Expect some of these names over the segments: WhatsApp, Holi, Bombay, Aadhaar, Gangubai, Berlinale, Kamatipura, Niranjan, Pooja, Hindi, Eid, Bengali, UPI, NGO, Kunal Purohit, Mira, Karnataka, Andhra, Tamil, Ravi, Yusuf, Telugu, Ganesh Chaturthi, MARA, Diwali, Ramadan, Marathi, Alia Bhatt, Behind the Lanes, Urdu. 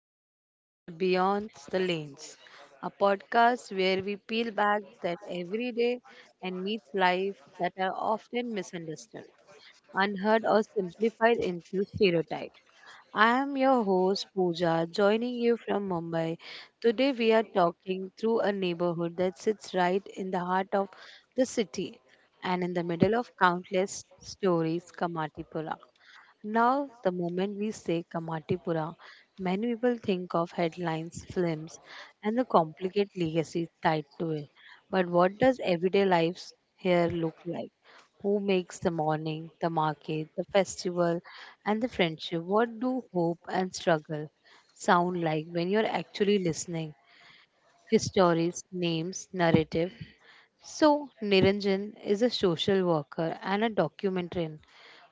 welcome to the Beyond the Lanes, a podcast where we peel back that everyday and meet life that are often misunderstood, unheard, or simplified into stereotypes. I am your host Pooja, joining you from Mumbai. Today we are talking through a neighborhood that sits right in the heart of the city and in the middle of countless stories, Kamatipura. Now, the moment we say Kamatipura, many people think of headlines, films, and the complicated legacy tied to it. But what does everyday life here look like? Who makes the morning, the market, the festival, and the friendship? What do hope and struggle sound like when you're actually listening? Histories, names, narrative. So, Niranjan is a social worker and a documentarian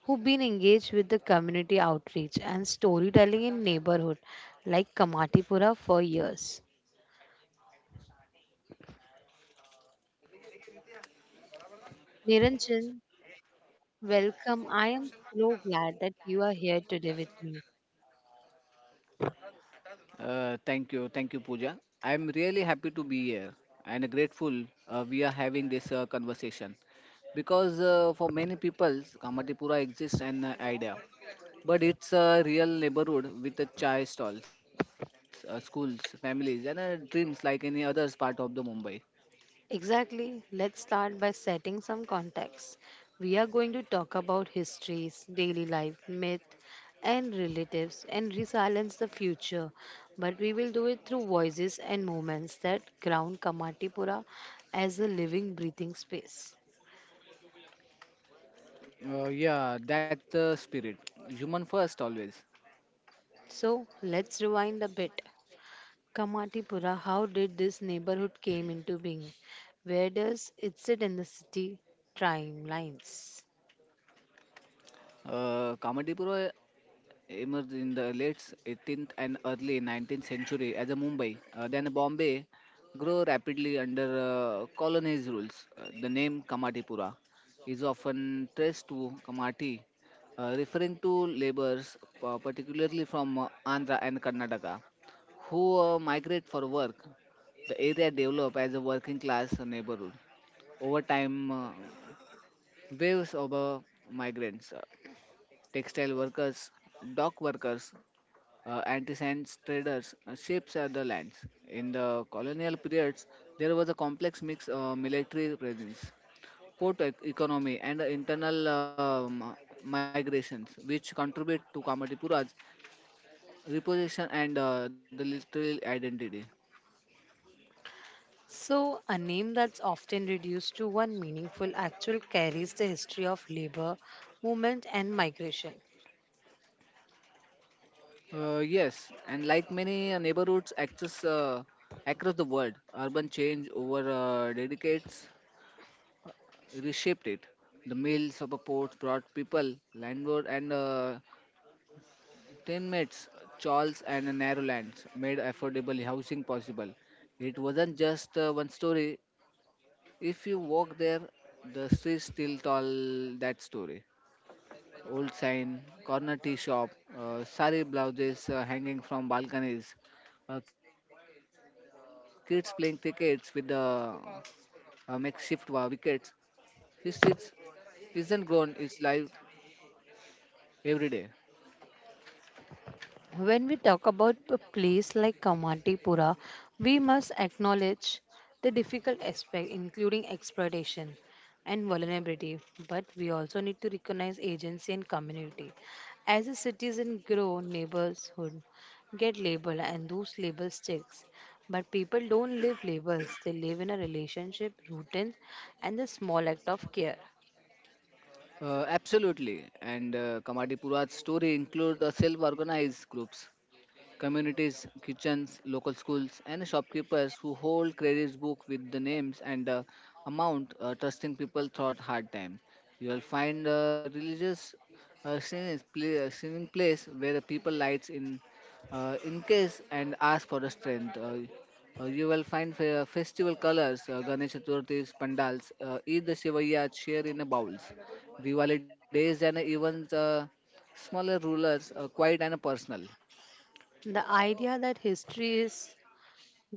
who've been engaged with the community outreach and storytelling in neighborhood like Kamatipura for years. Niranjan, welcome. I am so glad that you are here today with me. Thank you, Pooja. I'm really happy to be here and grateful we are having this conversation because for many people, Kamatipura exists an idea, but it's a real neighborhood with a chai stalls, schools, families, and dreams like any other part of the Mumbai. Exactly. Let's start by setting some context. We are going to talk about histories, daily life, myth, and relatives, and resilience the future. But we will do it through voices and moments that ground Kamatipura as a living, breathing space. Yeah, that's the spirit. Human first always. So let's rewind a bit. Kamatipura, how did this neighborhood came into being? Where does it sit in the city timelines? Kamatipura emerged in the late 18th and early 19th century as a Mumbai, then Bombay, grew rapidly under colonies rules. The name Kamatipura is often traced to Kamati, referring to laborers, particularly from Andhra and Karnataka, who migrate for work. The area developed as a working class neighborhood. Over time, waves of migrants, textile workers, dock workers, anti-science traders shapes the lands. In the colonial periods, there was a complex mix of military presence, economy, and internal migrations, which contribute to Kamatipura's reposition and the literal identity. So, a name that's often reduced to one meaningful actual carries the history of labor, movement, and migration. Yes, and like many neighborhoods across the world, urban change over decades reshaped it. The mills of a port brought people landward and Teammates Charles and Narrowlands made affordable housing possible. It wasn't just one story. If you walk there, the streets still tell that story. Old sign, corner tea shop, sari blouses hanging from balconies, kids playing tickets with the makeshift wickets. History is- isn't gone, it's live every day. When we talk about a place like Kamatipura, we must acknowledge the difficult aspect, including exploitation and vulnerability. But we also need to recognize agency and community. As the citizens grow, neighborhoods get labeled, and those labels sticks. But people don't live labels; they live in a relationship, routine, and the small act of care. Absolutely. And Kamadipura's story includes self organized groups communities, kitchens, local schools, and shopkeepers who hold credit book with the names and amount trusting people throughout hard time. You will find religious singing, play, singing place where the people lights in case and ask for the strength. You will find festival colors, Ganesh Chaturthis, pandals, Eid Shivaya share in the bowls, Diwali days and even the smaller rulers, quiet and personal. The idea that history is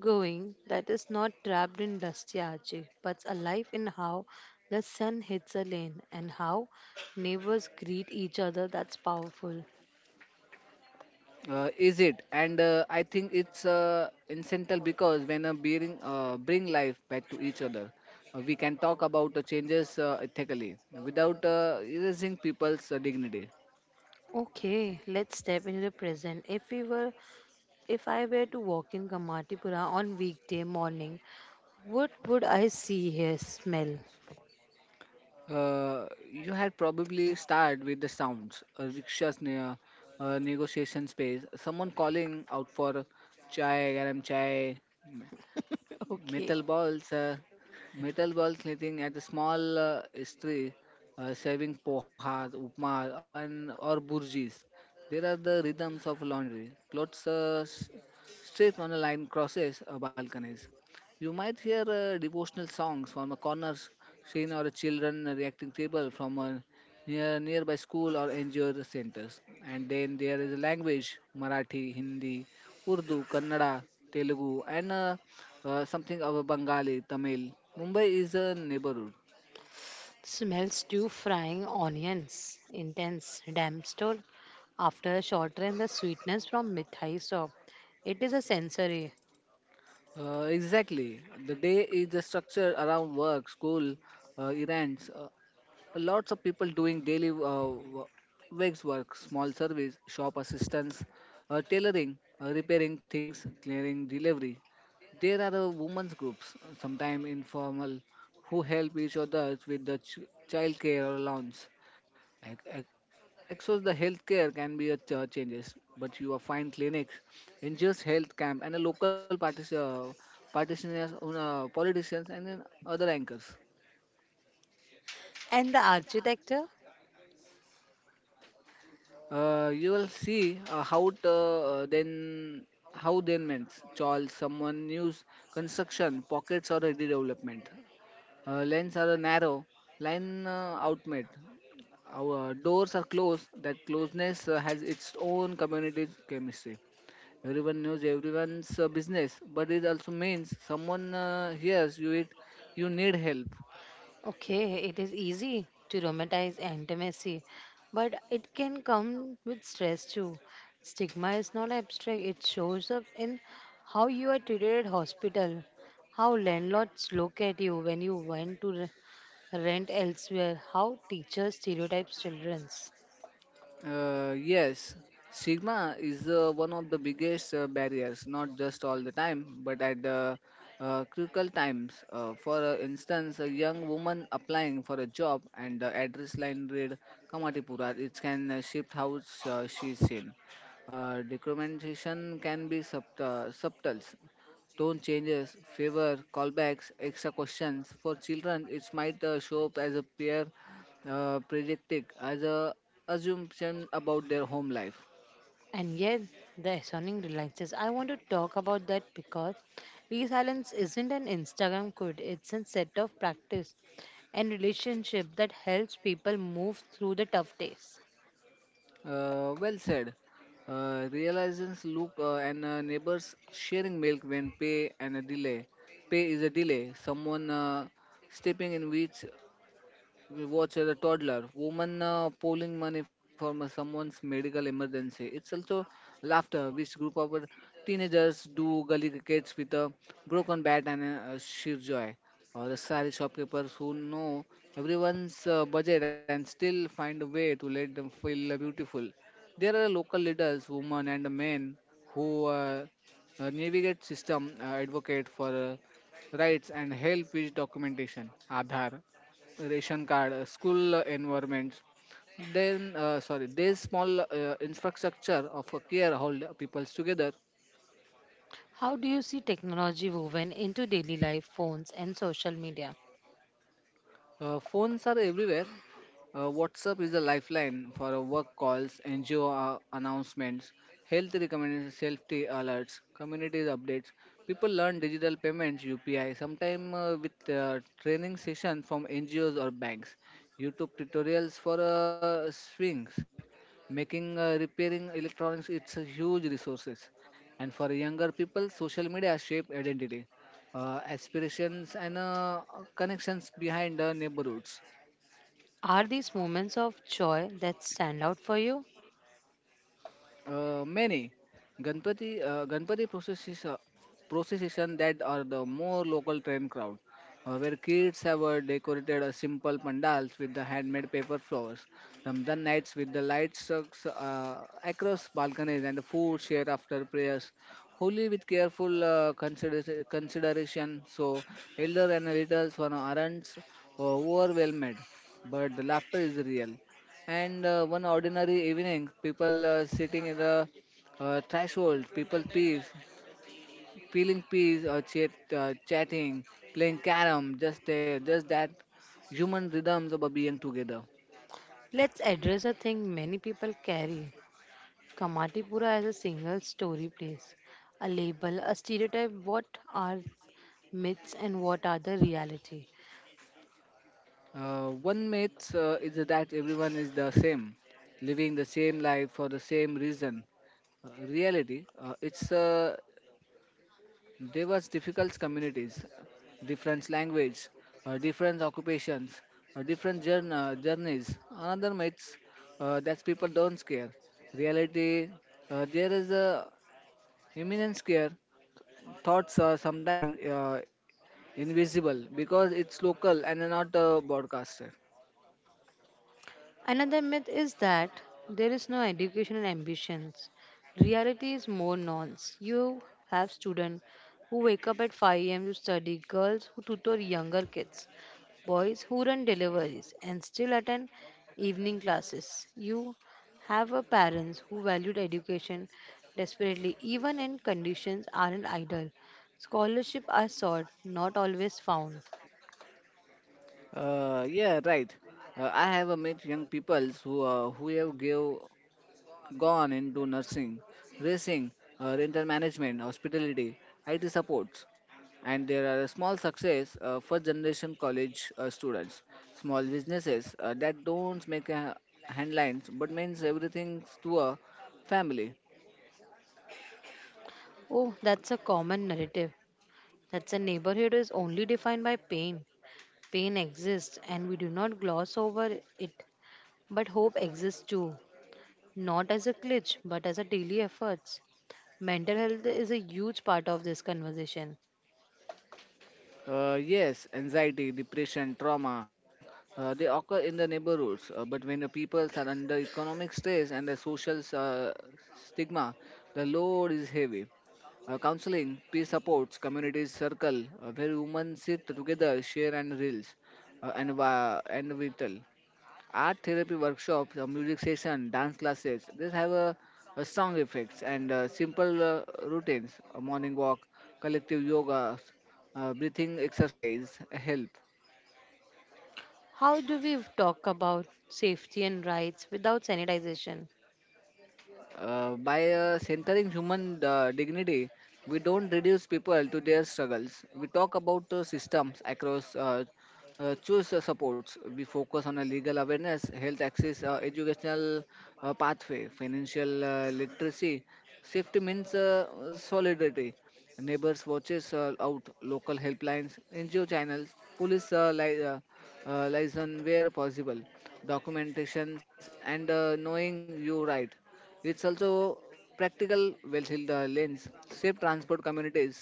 going that is not trapped in dusty arches, but alive in how the sun hits a lane and how neighbors greet each other. That's powerful. Is it? And I think it's incidental because when a bearing bring life back to each other, we can talk about the changes ethically without erasing people's dignity. Okay, let's step into the present. If we were, if I were to walk in Kamatipura on weekday morning, what would I see here? Smell. You had probably started with the sounds, a rickshaws near a negotiation space, someone calling out for chai, garam chai, Okay. metal balls, metal balls knitting at the small history, serving pohas, upma, and or burjis. There are the rhythms of laundry. Clothes straight on a line crosses balconies. You might hear devotional songs from a scene or a children reacting table from a nearby school or NGO centers. And then there is a language Marathi, Hindi, Urdu, Kannada, Telugu, and something of a Bengali, Tamil. Mumbai is a neighborhood. Smells stew frying onions. Intense. Damp store. After a short run, the sweetness from mithai soap. It is a sensory. Exactly. The day is structured around work, school, events. Lots of people doing daily wigs work, small service, shop assistants, tailoring, repairing things, clearing delivery. There are women's groups, sometimes informal, who help each other with the child care or loans. Ac- ac- Access the healthcare can be a changes, but you will find clinics, NGOs, health camp, and a practitioners, politicians, and then other anchors. And the architecture? You will see how then means Charles someone news construction pockets or redevelopment lanes are narrow line outmade our doors are closed that closeness has its own community chemistry everyone knows everyone's business but it also means someone hears you it you need help. Okay, it is easy to romanticize intimacy, but it can come with stress too. Stigma is not abstract, it shows up in how you are treated at hospital, how landlords look at you when you went to rent elsewhere, how teachers stereotype children. Yes, stigma is one of the biggest barriers, not just all the time, but at critical times. For instance, a young woman applying for a job and the address line read Kamatipura, it can shift how she's seen. Discrimination can be subtle, tone changes, favor, callbacks, extra questions. For children, it might show up as a peer predicting, as a assumption about their home life. And yet, the stunning realizes I want to talk about that because resilience isn't an Instagram code, it's a set of practice and relationship that helps people move through the tough days. Well said. Realizations look and neighbors sharing milk when pay and a delay. Pay is a delay. Someone stepping in which we watch as a toddler. Woman pulling money from someone's medical emergency. It's also laughter, which group of our teenagers do gully crickets with a broken bat and a sheer joy. Or the sari shopkeepers who know everyone's budget and still find a way to let them feel beautiful. There are local leaders, women and men, who navigate system, advocate for rights and help with documentation. Aadhaar ration card, school environments. Then, sorry, this small infrastructure of a care hold peoples together. How do you see technology woven into daily life, phones, and social media? Phones are everywhere. WhatsApp is a lifeline for work calls, NGO announcements, health recommendations, safety alerts, community updates. People learn digital payments, UPI, sometime with training sessions from NGOs or banks, YouTube tutorials for swings, making repairing electronics. It's a huge resources, and for younger people, social media shape identity aspirations and connections behind the neighborhoods. Are these moments of joy that stand out for you? Many Ganpati processes procession that are the more local train crowd, where kids have decorated a simple pandals with the handmade paper flowers. Ramadan nights with the light strucks across balconies and food shared after prayers. Holy with careful consideration, so elder and little one aren't overwhelmed, but the laughter is real. And one ordinary evening, people sitting in the threshold, people peas, peeling peas or chatting, playing carom, just there, just that human rhythms of being together. Let's address a thing many people carry. Kamatipura as a single story place. A label, a stereotype, what are myths and what are the reality. One myth is that everyone is the same, living the same life for the same reason. Reality, it's there was difficult communities, different language, different occupations, journeys. Another myths that people don't care. Reality, there is a imminent scare. Thoughts are sometimes invisible because it's local and not broadcasted. Another myth is that there is no educational ambitions. Reality is more nuanced. You have students who wake up at 5 a.m. to study, girls who tutor younger kids, boys who run deliveries and still attend evening classes. You have a parents who valued education desperately even in conditions aren't ideal. Scholarship are sought, not always found. Yeah, right. I have met young people who have gave gone into nursing, racing, rental management, hospitality, IT supports. And there are a small success first generation college students, small businesses that don't make a headlines but means everything to a family. Oh, that's a common narrative that the neighborhood is only defined by pain. Pain exists and we do not gloss over it. But hope exists too, not as a glitch but as a daily efforts. Mental health is a huge part of this conversation. Yes, anxiety, depression, trauma, they occur in the neighborhoods, but when the peoples are under economic stress and the social stigma, the load is heavy. Counseling, peer supports, community circle, where women sit together, share and reels, and vital. Art therapy workshops, music session, dance classes. These have a strong effects and simple routines, a morning walk, collective yoga, breathing exercise help. How do we talk about safety and rights without sanitization? By centering human dignity, we don't reduce people to their struggles. We talk about systems across choose supports. We focus on a legal awareness, health access, educational pathway, financial literacy. Safety means solidarity. Neighbors watches out, local helplines, NGO channels, liaison where possible, documentations, and knowing you right it's also practical well-heeled lens Safe transport communities.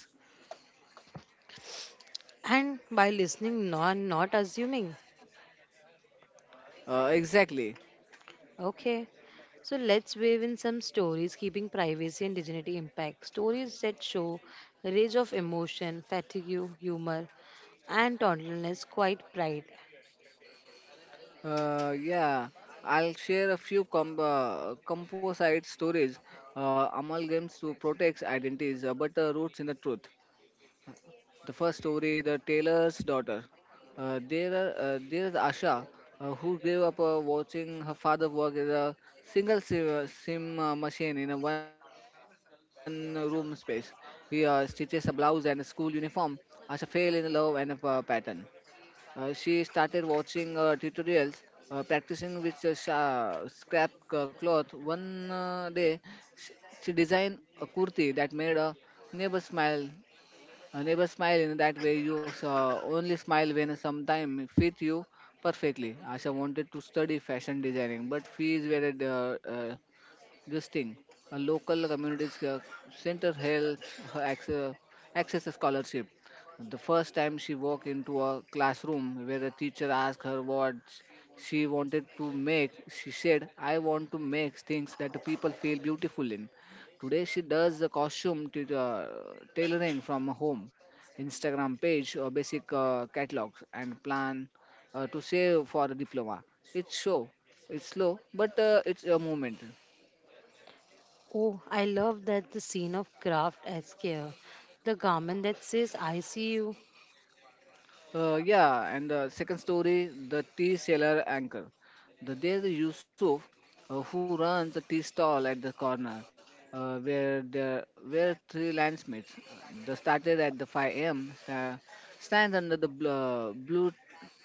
And by listening, not assuming. Exactly. Okay, so let's weave in some stories keeping privacy and dignity intact. Stories that show range of emotion, fatigue, humor, and Toddler's quiet pride. Yeah, I'll share a few composite stories, amalgams to protect identities, but roots in the truth. The first story, the tailor's daughter. There is Asha, who grew up watching her father work as a sim machine in a one-room space. He stitches a blouse and a school uniform. Asha fell in love and a pattern. She started watching tutorials, practicing with scrap cloth. One day, sh- she designed a kurti that made a neighbor smile never smile in that way. You only smile when sometime fit you perfectly. Asha wanted to study fashion designing, but fees were this thing, a local center helps her access a scholarship. The first time she walked into a classroom where a teacher asked her what she wanted to make, she said, I want to make things that the people feel beautiful in. Today, she does the tailoring from home, Instagram page, or basic catalogs, and plan to save for a diploma. It's show, it's slow, but it's a moment. Oh, I love that the scene of craft as care. The garment that says I see you. Yeah, and second story, the tea seller anchor. There's a Yusuf who runs a tea stall at the corner where three landsmates they started at the 5 a.m. Stands under the blue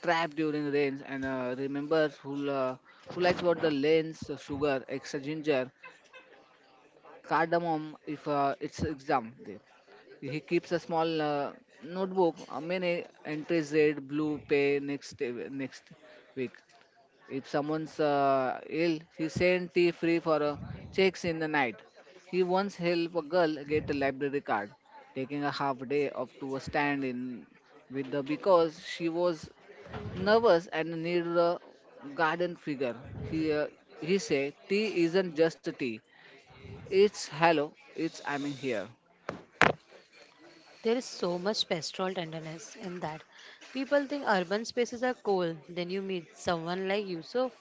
trap during the rains and remembers who likes what the lens, sugar, extra ginger, cardamom if it's exam day. He keeps a small notebook. Many entries said blue pay next week. If someone's ill, he sends tea free for checks in the night. He once helped a girl get a library card, taking a half day off to stand in with the because she was nervous and needed a garden figure. He uh, he said, tea isn't just tea. It's hello. It's I'm here. There is so much pastoral tenderness in that. People think urban spaces are cold. Then you meet someone like Yusuf.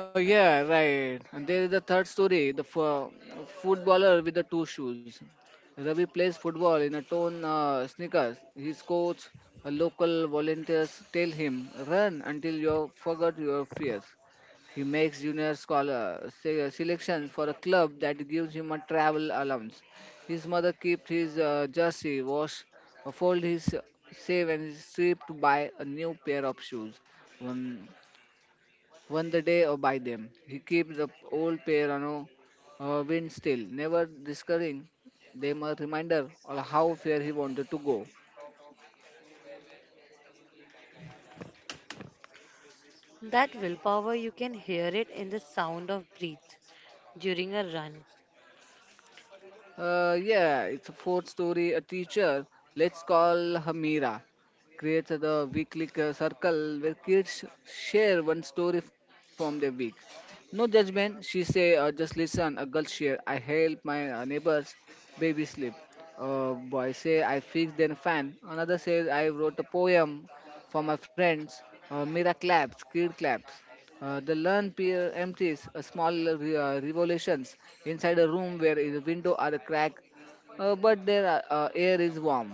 Yeah, right. And there is the third story, the footballer with the two shoes. Ravi plays football in a torn sneakers. His coach, a local volunteers tell him, run until you forgot your fears. He makes junior scholar selections for a club that gives him a travel allowance. His mother keeps his jersey, wash, fold his save and is stripped to buy a new pair of shoes won the day or by them. He keeps the old piano wind still, never discovering them a reminder of how far he wanted to go. That willpower, you can hear it in the sound of breath during a run. Yeah, it's a fourth story. A teacher, let's call her Mira, creates the weekly circle where kids share one story from their week. No judgment, she say, just listen. A girl share, I help my neighbors, baby sleep. A boy say, I fix their fan. Another says, I wrote a poem for my friends. Mira claps, kid claps. The learn peer empties a small revolutions inside a room where the window are a crack, but their air is warm.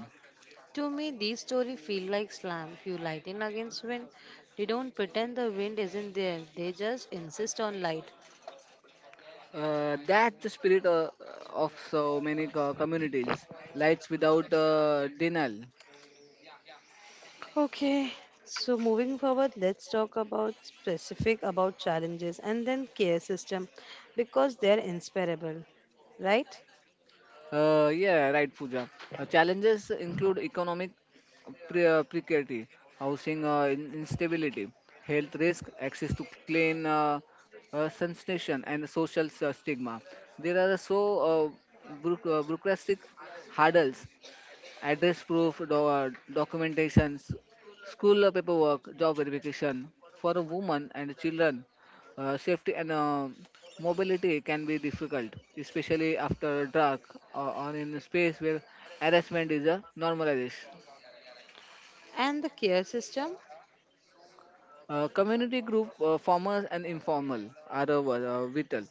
To me, these stories feel like slam. You light in against wind. They don't pretend the wind isn't there. They just insist on light. That's the spirit of so many communities. Lights without denial. Okay, so moving forward, let's talk about specific about challenges and then care system because they're inseparable, right? Yeah, right, Pooja. Challenges include economic precarity, housing instability, health risk, access to clean sanitation, and social stigma. There are so bureaucratic hurdles address proof, documentations, school paperwork, job verification. For a woman and children, safety and mobility can be difficult, especially after dark or in a space where harassment is a normalized. And the care system, Community group formers and informal are vital.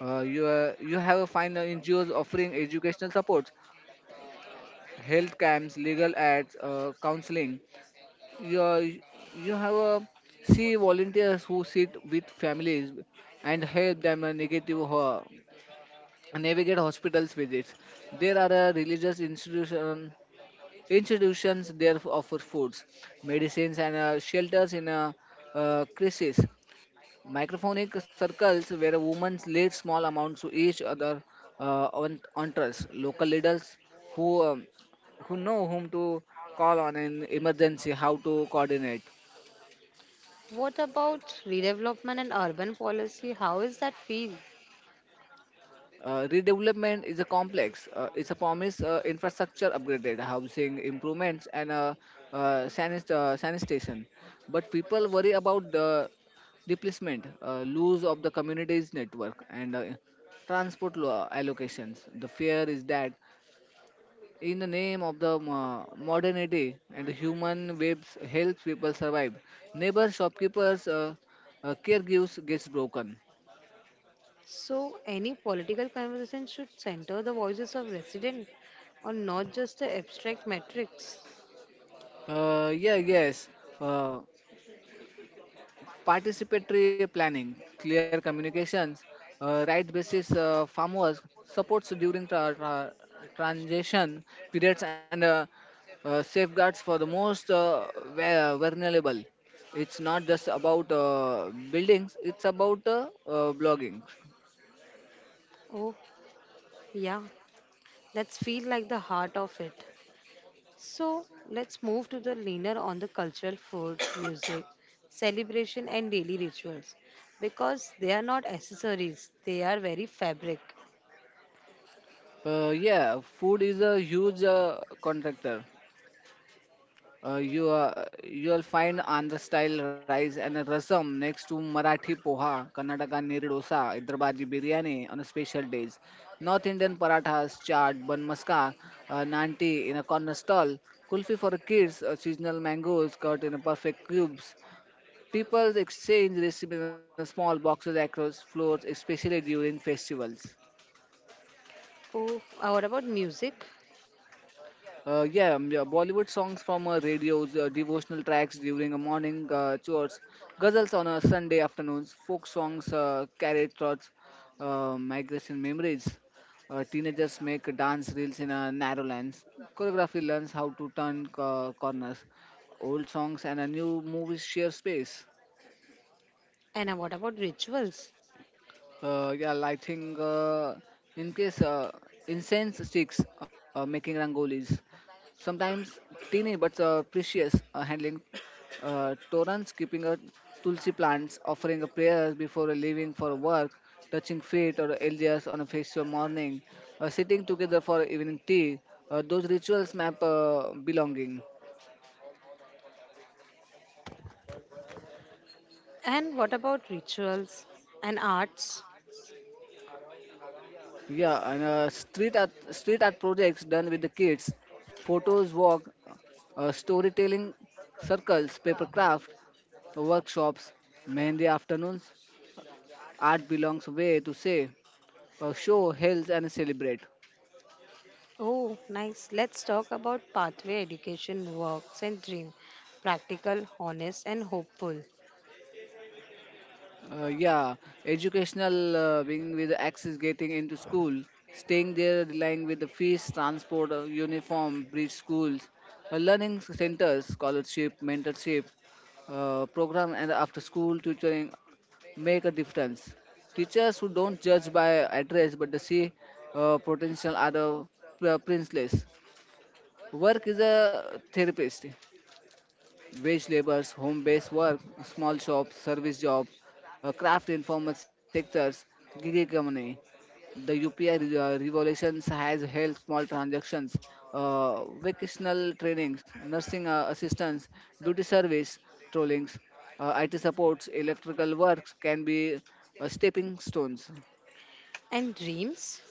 You have a find NGOs offering educational support, health camps, legal ads, counseling, you, you have a see volunteers who sit with families and help them navigate hospitals visits. There are institutions there offer foods, medicines, and shelters in a crisis. Microphonic circles where women lead small amounts to each other on trust. Local leaders who um, who know whom to call on in emergency, how to coordinate. what about redevelopment and urban policy? How is that feel? Redevelopment is a complex. It's a promise infrastructure upgraded, housing improvements, and sanitation. But people worry about the displacement, lose of the community's network, and transport allocations. The fear is that in the name of the modernity and the human webs helps people survive. Neighbor shopkeepers caregivers gets broken. So any political conversation should center the voices of residents, or not just the abstract metrics. Yeah, yes. Uh, Participatory planning, clear communications, right basis farmers, supports during transition periods, and safeguards for the most vulnerable. It's not just about buildings; it's about blogging. Oh, yeah, that's feel like the heart of it. So let's move to the leaner on the cultural food, music, celebration, and daily rituals because they are not accessories, they are very fabric. Yeah, food is a huge contractor. You'll find Andhra style rice and a rasam next to Marathi poha, Karnataka neer dosa, Hyderabadi biryani on a special days. North Indian parathas, chaat, bun maska, nanti in a corner stall, kulfi for kids, seasonal mangoes cut in perfect cubes. People exchange recipes in small boxes across floors, especially during festivals. Oh, what about music? Yeah, Bollywood songs from radios, devotional tracks during a morning chores, ghazals on a Sunday afternoons, folk songs, carried thoughts, migration memories. Teenagers make dance reels in a narrow lens. Choreography learns how to turn corners. Old songs and a new movies share space. And what about rituals? Yeah, lighting, in case incense sticks, making rangolis. Sometimes teeny but precious, handling torrents, keeping a tulsi plants, offering a prayer before leaving for work, touching feet or elders on a festival morning, sitting together for evening tea. Those rituals map belonging. And what about rituals and arts? Yeah, and street art projects done with the kids, photos walk, storytelling circles, paper craft workshops, mehndi afternoons. Art belongs way to say, show, health, and celebrate. Oh, nice. Let's talk about pathway education, works, and dream. Practical, honest, and hopeful. Yeah, educational being with access getting into school, staying there, relying with the fees, transport, uniform, bridge schools, learning centers, scholarship, mentorship, program and after school tutoring make a difference. Teachers who don't judge by address but they see potential are the priceless. Work is a therapist wage labors, home-based work, small shops, service jobs, craft informal sectors, gig economy. The UPI revolutions has held small transactions, vocational trainings, nursing assistance, beauty service, trollings, IT supports, electrical works can be stepping stones. And dreams?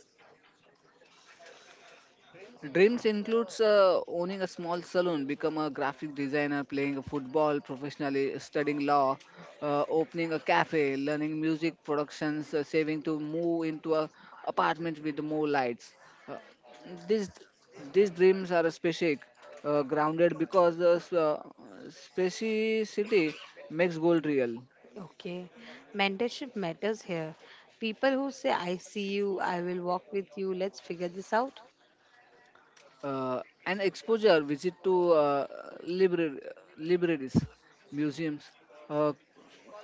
Dreams includes owning a small salon, become a graphic designer, playing football professionally, studying law, opening a cafe, learning music productions, saving to move into a apartment with more lights. Uh, these these dreams are specific, grounded because the specificity makes gold real. Okay, mentorship matters here. People who say, I see you, I will walk with you, let's figure this out. An exposure visit to library, libraries, museums, uh,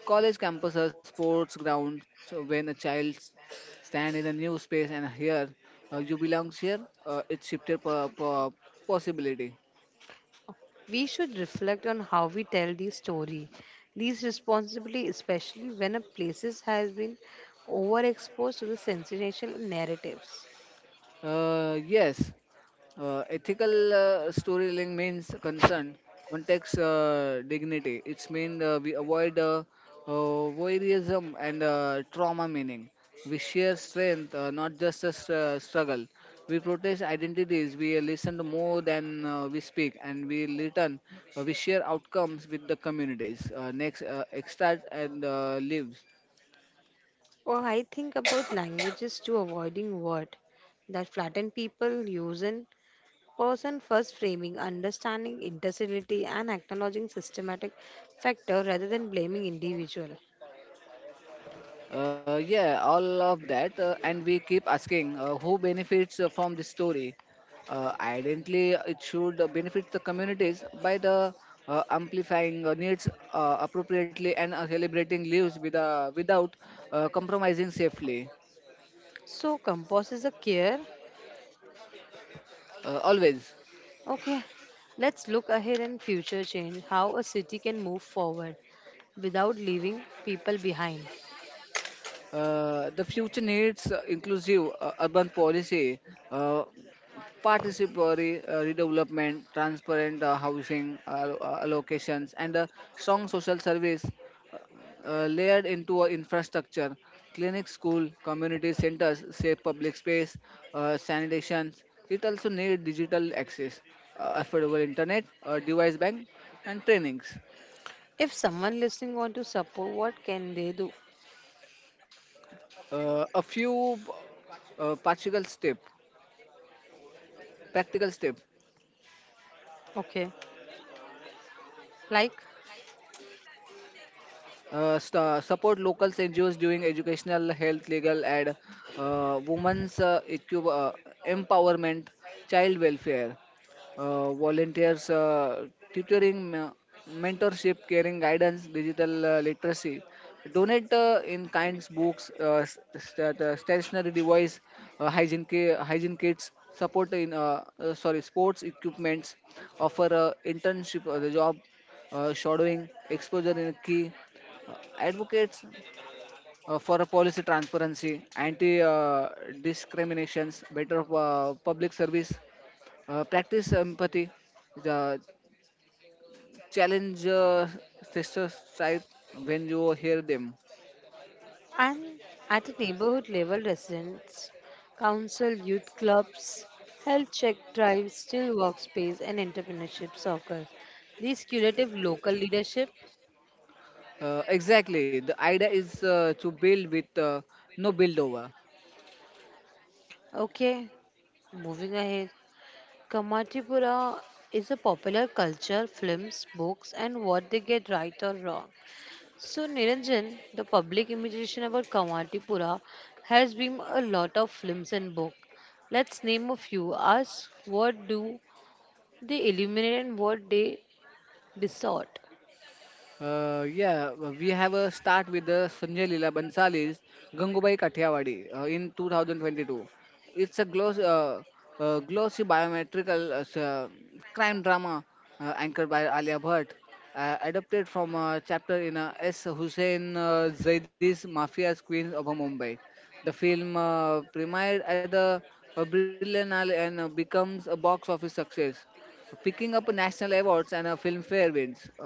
College campuses are sports grounds. When a child stand in a new space and here you belongs here. It's shifted possibility. We should reflect on how we tell the story. These responsibility, especially when a places has been overexposed to the sensational narratives. Yes, ethical storytelling means concern, context, dignity. It's mean we avoid voyeurism and trauma meaning. We share strength, not just a struggle. We protest identities. We listen more than we speak, and we return. We share outcomes with the communities. Next, extract and lives. Or I think about languages to avoiding word that flatten people using person first framing, understanding intensity and acknowledging systematic factor rather than blaming individual. Yeah, all of that. And we keep asking who benefits from this story. Ideally, it should benefit the communities by the amplifying needs appropriately and celebrating lives with, without compromising safely. So compost is a care. Always. Okay, let's look ahead and future change. How a city can move forward without leaving people behind. The future needs inclusive urban policy, uh, participatory redevelopment, transparent housing allocations, and a strong social service layered into our infrastructure clinics, school community centers safe public space sanitation. It also needs digital access, affordable internet, device bank, and trainings. If someone listening want to support, what can they do? A few uh, practical step practical step. Okay, like Sta Support local ngos doing educational health legal and uh, women's uh, equi- uh, empowerment, child welfare, volunteers, tutoring, mentorship, caring guidance, digital literacy. Donate in kinds, books, stationary device, hygiene, hygiene kits, support in sorry sports equipments, offer internship, the job, shadowing, exposure in key, advocates for a policy transparency, anti discriminations, better public service, practice empathy. The challenge testers type when you hear them. I'm at a neighborhood level, residents, council, youth clubs, health check drives, still workspace, and entrepreneurship circle. These curative local leadership. Exactly. The idea is to build with, no build over. Okay, moving ahead. Kamatipura is a popular culture, films, books, and what they get right or wrong. So, Niranjan, the public imitation about Kamatipura has been a lot of films and books. Let's name a few. Ask what do they illuminate and what they distort. Yeah, we have a start with the Sanjay Leela Bansali's Gangubai Kathiawadi in 2022. It's a gloss, glossy biometrical crime drama anchored by Alia Bhatt, adapted from a chapter in S. Hussein Zaidi's Mafia's Queens of Mumbai. The film premiered at the Berlinale and becomes a box office success picking up national awards and a filmfare wins.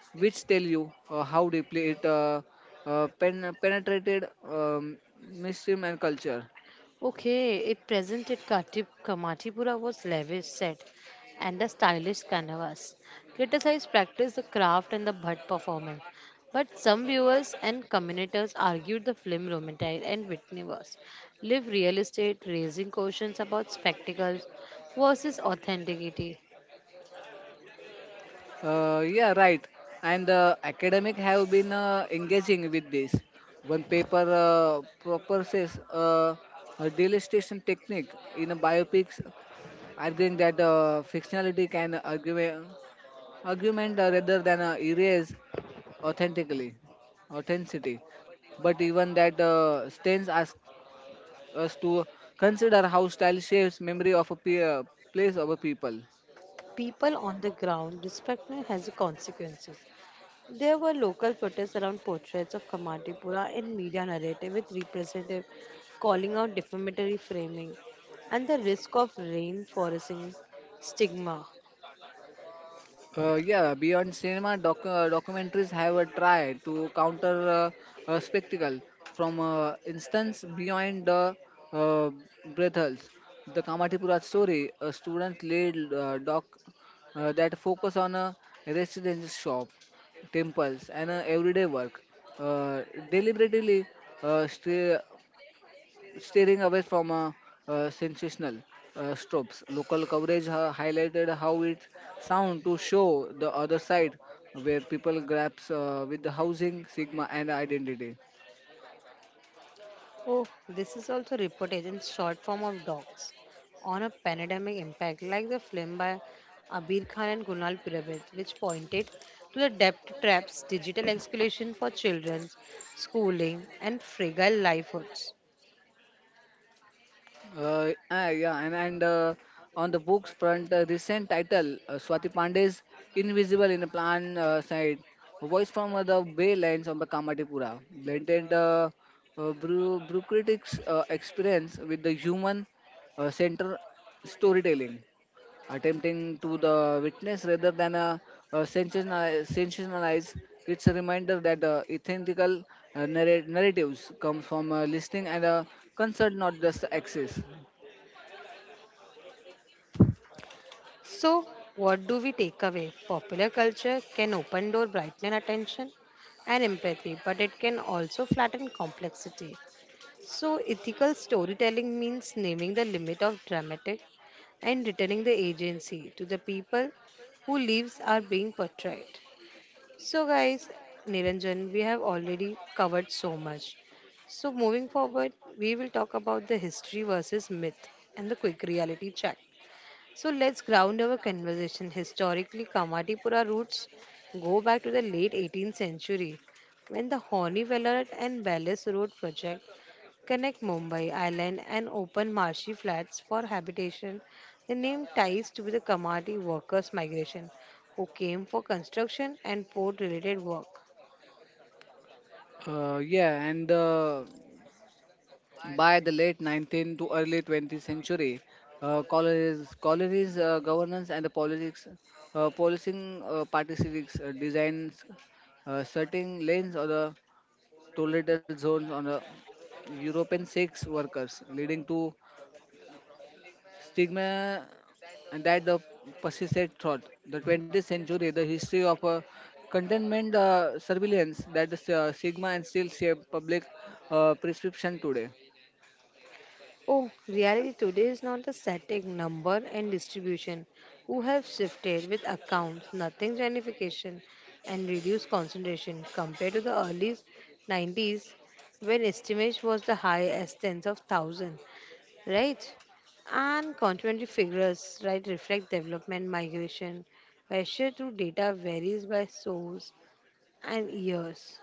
Which tell you how deeply it penetrated mainstream and culture. Okay, it presented Kamatipura was lavish set and a stylish canvas. Criticized practiced the craft and the butt performance. But some viewers and commentators argued the film romantic and Whitney was live real estate, raising questions about spectacles versus authenticity. Yeah, right. And the academic have been engaging with this. One paper proposes a delistation technique in a biopics, arguing that fictionality can argument rather than erase authentically authenticity. But even that Stains asks us to consider how style shapes memory of a place or a people. People on the ground, disrespect has consequences. There were local protests around portraits of Kamatipura in media narrative with representatives calling out defamatory framing and the risk of reinforcing stigma. Yeah, beyond cinema, documentaries have a try to counter a spectacle. From instance, beyond the uh, brothels, the Kamatipura story, a student-led doc that focus on a residential shop, temples, and everyday work, uh, deliberately stray steering away from sensational strokes. Local coverage highlighted how it sound to show the other side where people grabs with the housing, sigma, and identity. Oh, this is also reportage in short form of docs on a pandemic impact, like the film by Abir Khan and Kunal Purohit, which pointed to the debt traps, digital exclusion for children, schooling, and fragile livelihoods. Yeah, and on the books front, recent title Swati Pandey's Invisible in a Plan Side, voice from the Bay Lines of the Kamatipura, blended brew critics' experience with the human center storytelling, attempting to the witness rather than sensationalize. It's a reminder that authentical narratives come from listening and concern, not just access. So, what do we take away? Popular culture can open door, brighten attention and empathy, but it can also flatten complexity. So, ethical storytelling means naming the limit of dramatic and returning the agency to the people who lives are being portrayed. So, guys, Niranjan, we have already covered so much. So, moving forward, we will talk about the history versus myth and the quick reality check. So let's ground our conversation. Historically, Kamatipura roots go back to the late 18th century when the Horni Vellarat and Ballas Road project connect Mumbai island and open marshy flats for habitation. The name ties to the Kamati workers' migration who came for construction and port related work. Yeah, and by the late 19th to early 20th century, colonies, governance and the politics, policing participants designs certain lanes or the tolerable zones on the European sex workers, leading to stigma and that the persisted throughout the 20th century. The history of containment surveillance that the stigma and still shape public prescription today. Oh, reality today is not the static number and distribution. Who have shifted with accounts, nothing gamification, and reduced concentration compared to the early 90s when estimate was the highest tens of thousand, right? And consequently, figures right reflect development migration, where share through data varies by source and years.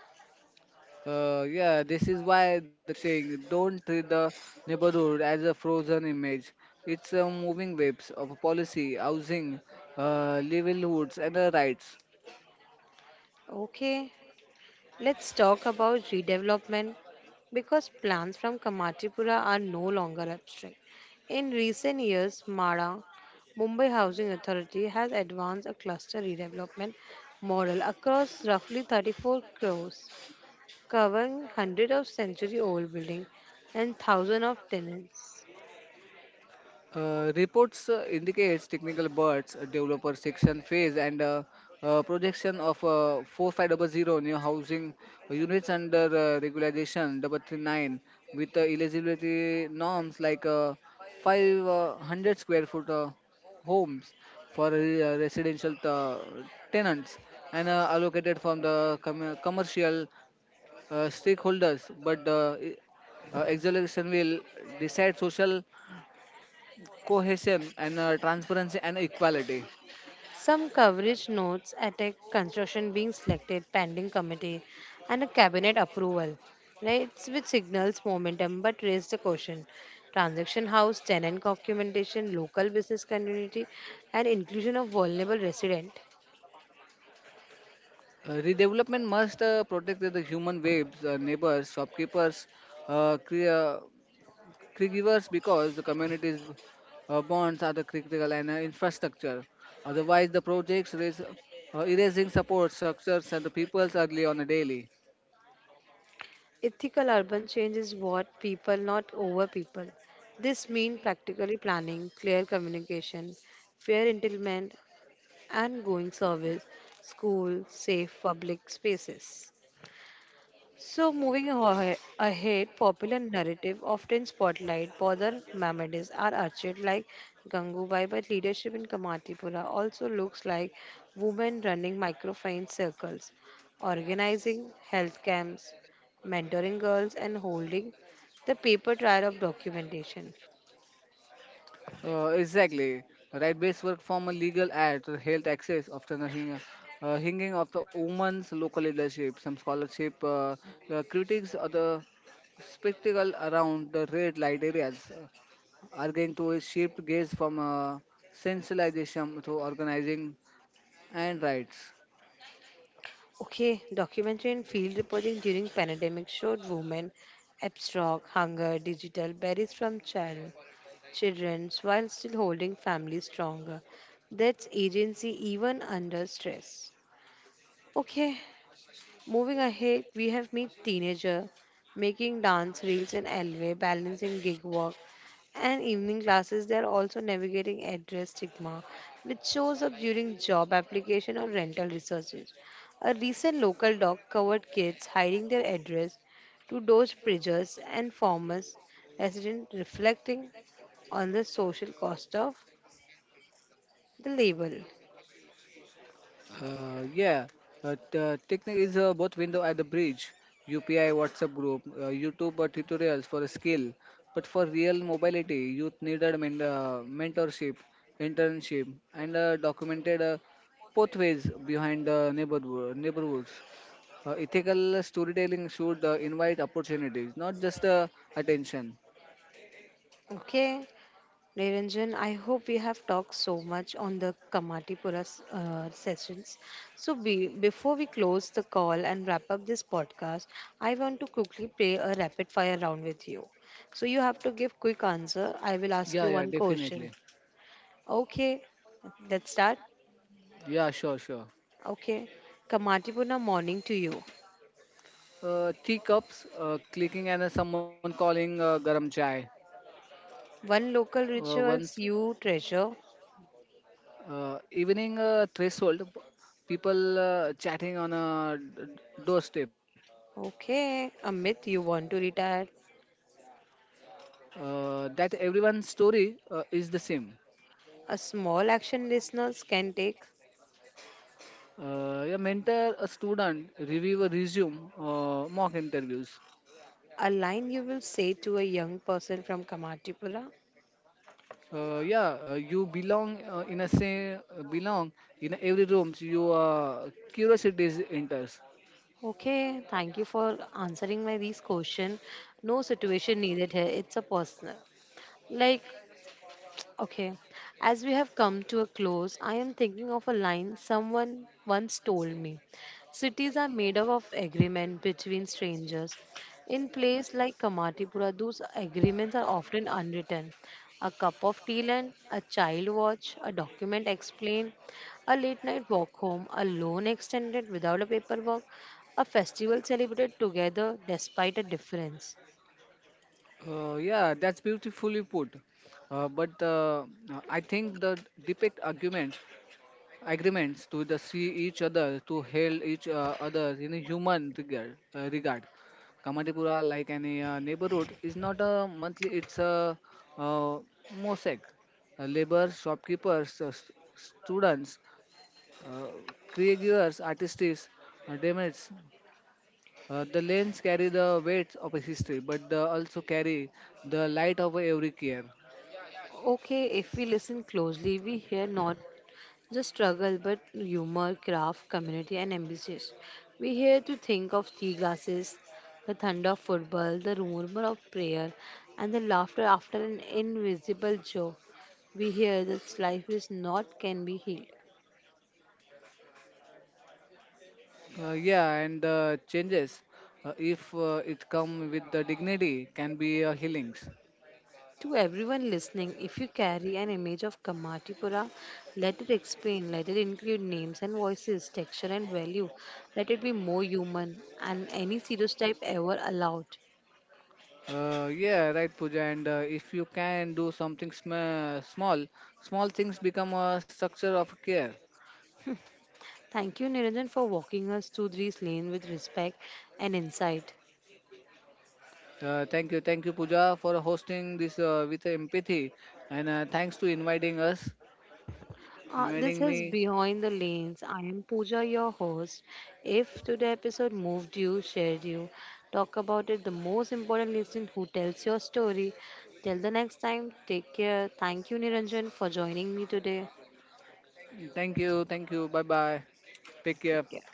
Yeah, this is why the thing don't treat the neighborhood as a frozen image. It's a moving waves of policy, housing, livelihoods, and rights. Okay. Let's talk about redevelopment because plans from Kamatipura are no longer abstract. In recent years, MARA, Mumbai Housing Authority, has advanced a cluster redevelopment model across roughly 34 crores, covering hundreds of century old buildings and thousands of tenants. Reports indicates technical birds, developer section phase, and projection of 4500 new housing units under regularization 339 with eligibility norms like 500 square foot homes for residential tenants and allocated from the commercial stakeholders, but exoneration will decide social cohesion and transparency and equality. Some coverage notes attack construction being selected, pending committee, and a cabinet approval, right? Which signals momentum but raised the question. Transaction house, tenant documentation, local business community, and inclusion of vulnerable resident. Redevelopment must protect the human webs, neighbors, shopkeepers, uh, cre- uh, caregivers because the communities bonds are the critical and infrastructure. Otherwise, the projects raise, erasing support structures and the people's early on a daily. Ethical urban change is what people, not over people. This means practically planning, clear communication, fair entitlement, and going service, school, safe public spaces. So, moving ahead, popular narrative often spotlight Bodhar Mamedis are archived like Gangubai, but leadership in Kamatipura also looks like women running microfinance circles, organizing health camps, mentoring girls, and holding the paper trail of documentation. Exactly. Right-based work from a legal ad to health access, often a hinging of the women's local leadership, some scholarship, the critics or the spectacle around the red light areas, arguing to a shift gaze from sensationalism to organizing and rights. Okay, documentary and field reporting during pandemic showed women abstract, hunger, digital, berries from children while still holding family stronger. That's agency even under stress. Okay, moving ahead, we have Meet Teenager, making dance reels in Elway, balancing gig work and evening classes. They're also navigating address stigma, which shows up during job application or rental researches. A recent local doc covered kids hiding their address to those preachers and farmers residents reflecting on the social cost of the label. Yeah, Technic is both window at the bridge, UPI, WhatsApp group, YouTube tutorials for skill. But for real mobility, youth needed mentorship, internship, and documented pathways behind neighborhoods. Ethical storytelling should invite opportunities, not just attention. Okay, Niranjan, I hope we have talked so much on the Kamatipura sessions. So, before we close the call and wrap up this podcast, I want to quickly play a rapid fire round with you. So, you have to give quick answer. I will ask Yeah, you yeah, one question. definitely. Okay, let's start. Yeah, sure, sure. Okay, Kamatipura morning to you. Tea cups, clicking, and someone calling garam chai. One local Once, rituals you treasure. Evening threshold, people chatting on a doorstep. Okay, Amit, you want to retire. That everyone's story is the same. A small action listeners can take. Yeah, mentor a student, reviewer resume, mock interviews. A line you will say to a young person from Kamatipura. Yeah, you belong in a same, belong in every room, so your curiosity enters. Okay, thank you for answering my these question. No situation needed here. It's a personal. Like okay, as we have come to a close, I am thinking of a line someone once told me. Cities are made up of agreement between strangers. In place like Kamatipura, those agreements are often unwritten. A cup of tea land, a child watch, a document explained, a late night walk home, a loan extended without a paperwork, a festival celebrated together despite a difference. Yeah, that's beautifully put, but I think the depict argument agreements to the see each other, to hail each other in a human regard. Regard. Kamatipura, like any neighborhood, is not a monthly; it's a uh, mosaic. Labor, shopkeepers, students, uh, caregivers, artists, demons. The lanes carry the weight of a history, but they also carry the light of every care. Okay, if we listen closely, we hear not the struggle, but humor, craft, community, and ambitions. We here to think of tea glasses, the thunder of football, the murmur of prayer, and the laughter after an invisible joke. We hear that life is not can be healed. Yeah, and the changes, if it come with the dignity, can be healings. To everyone listening, if you carry an image of Kamatipura, let it explain, let it include names and voices, texture and value. Let it be more human and any stereotype ever allowed. Yeah, right, Pooja. And if you can do something small, small things become a structure of care. Thank you, Niranjan, for walking us through these lanes with respect and insight. Thank you, thank you, Pooja, for hosting this with empathy, and thanks to This inviting is me. Behind the Lanes. I am Pooja, your host. If today episode moved you, shared you, talk about it, the most important listener who tells your story. Till the next time, take care. Thank you, Niranjan, for joining me today. Thank you, thank you. Bye bye. Take care. Take care.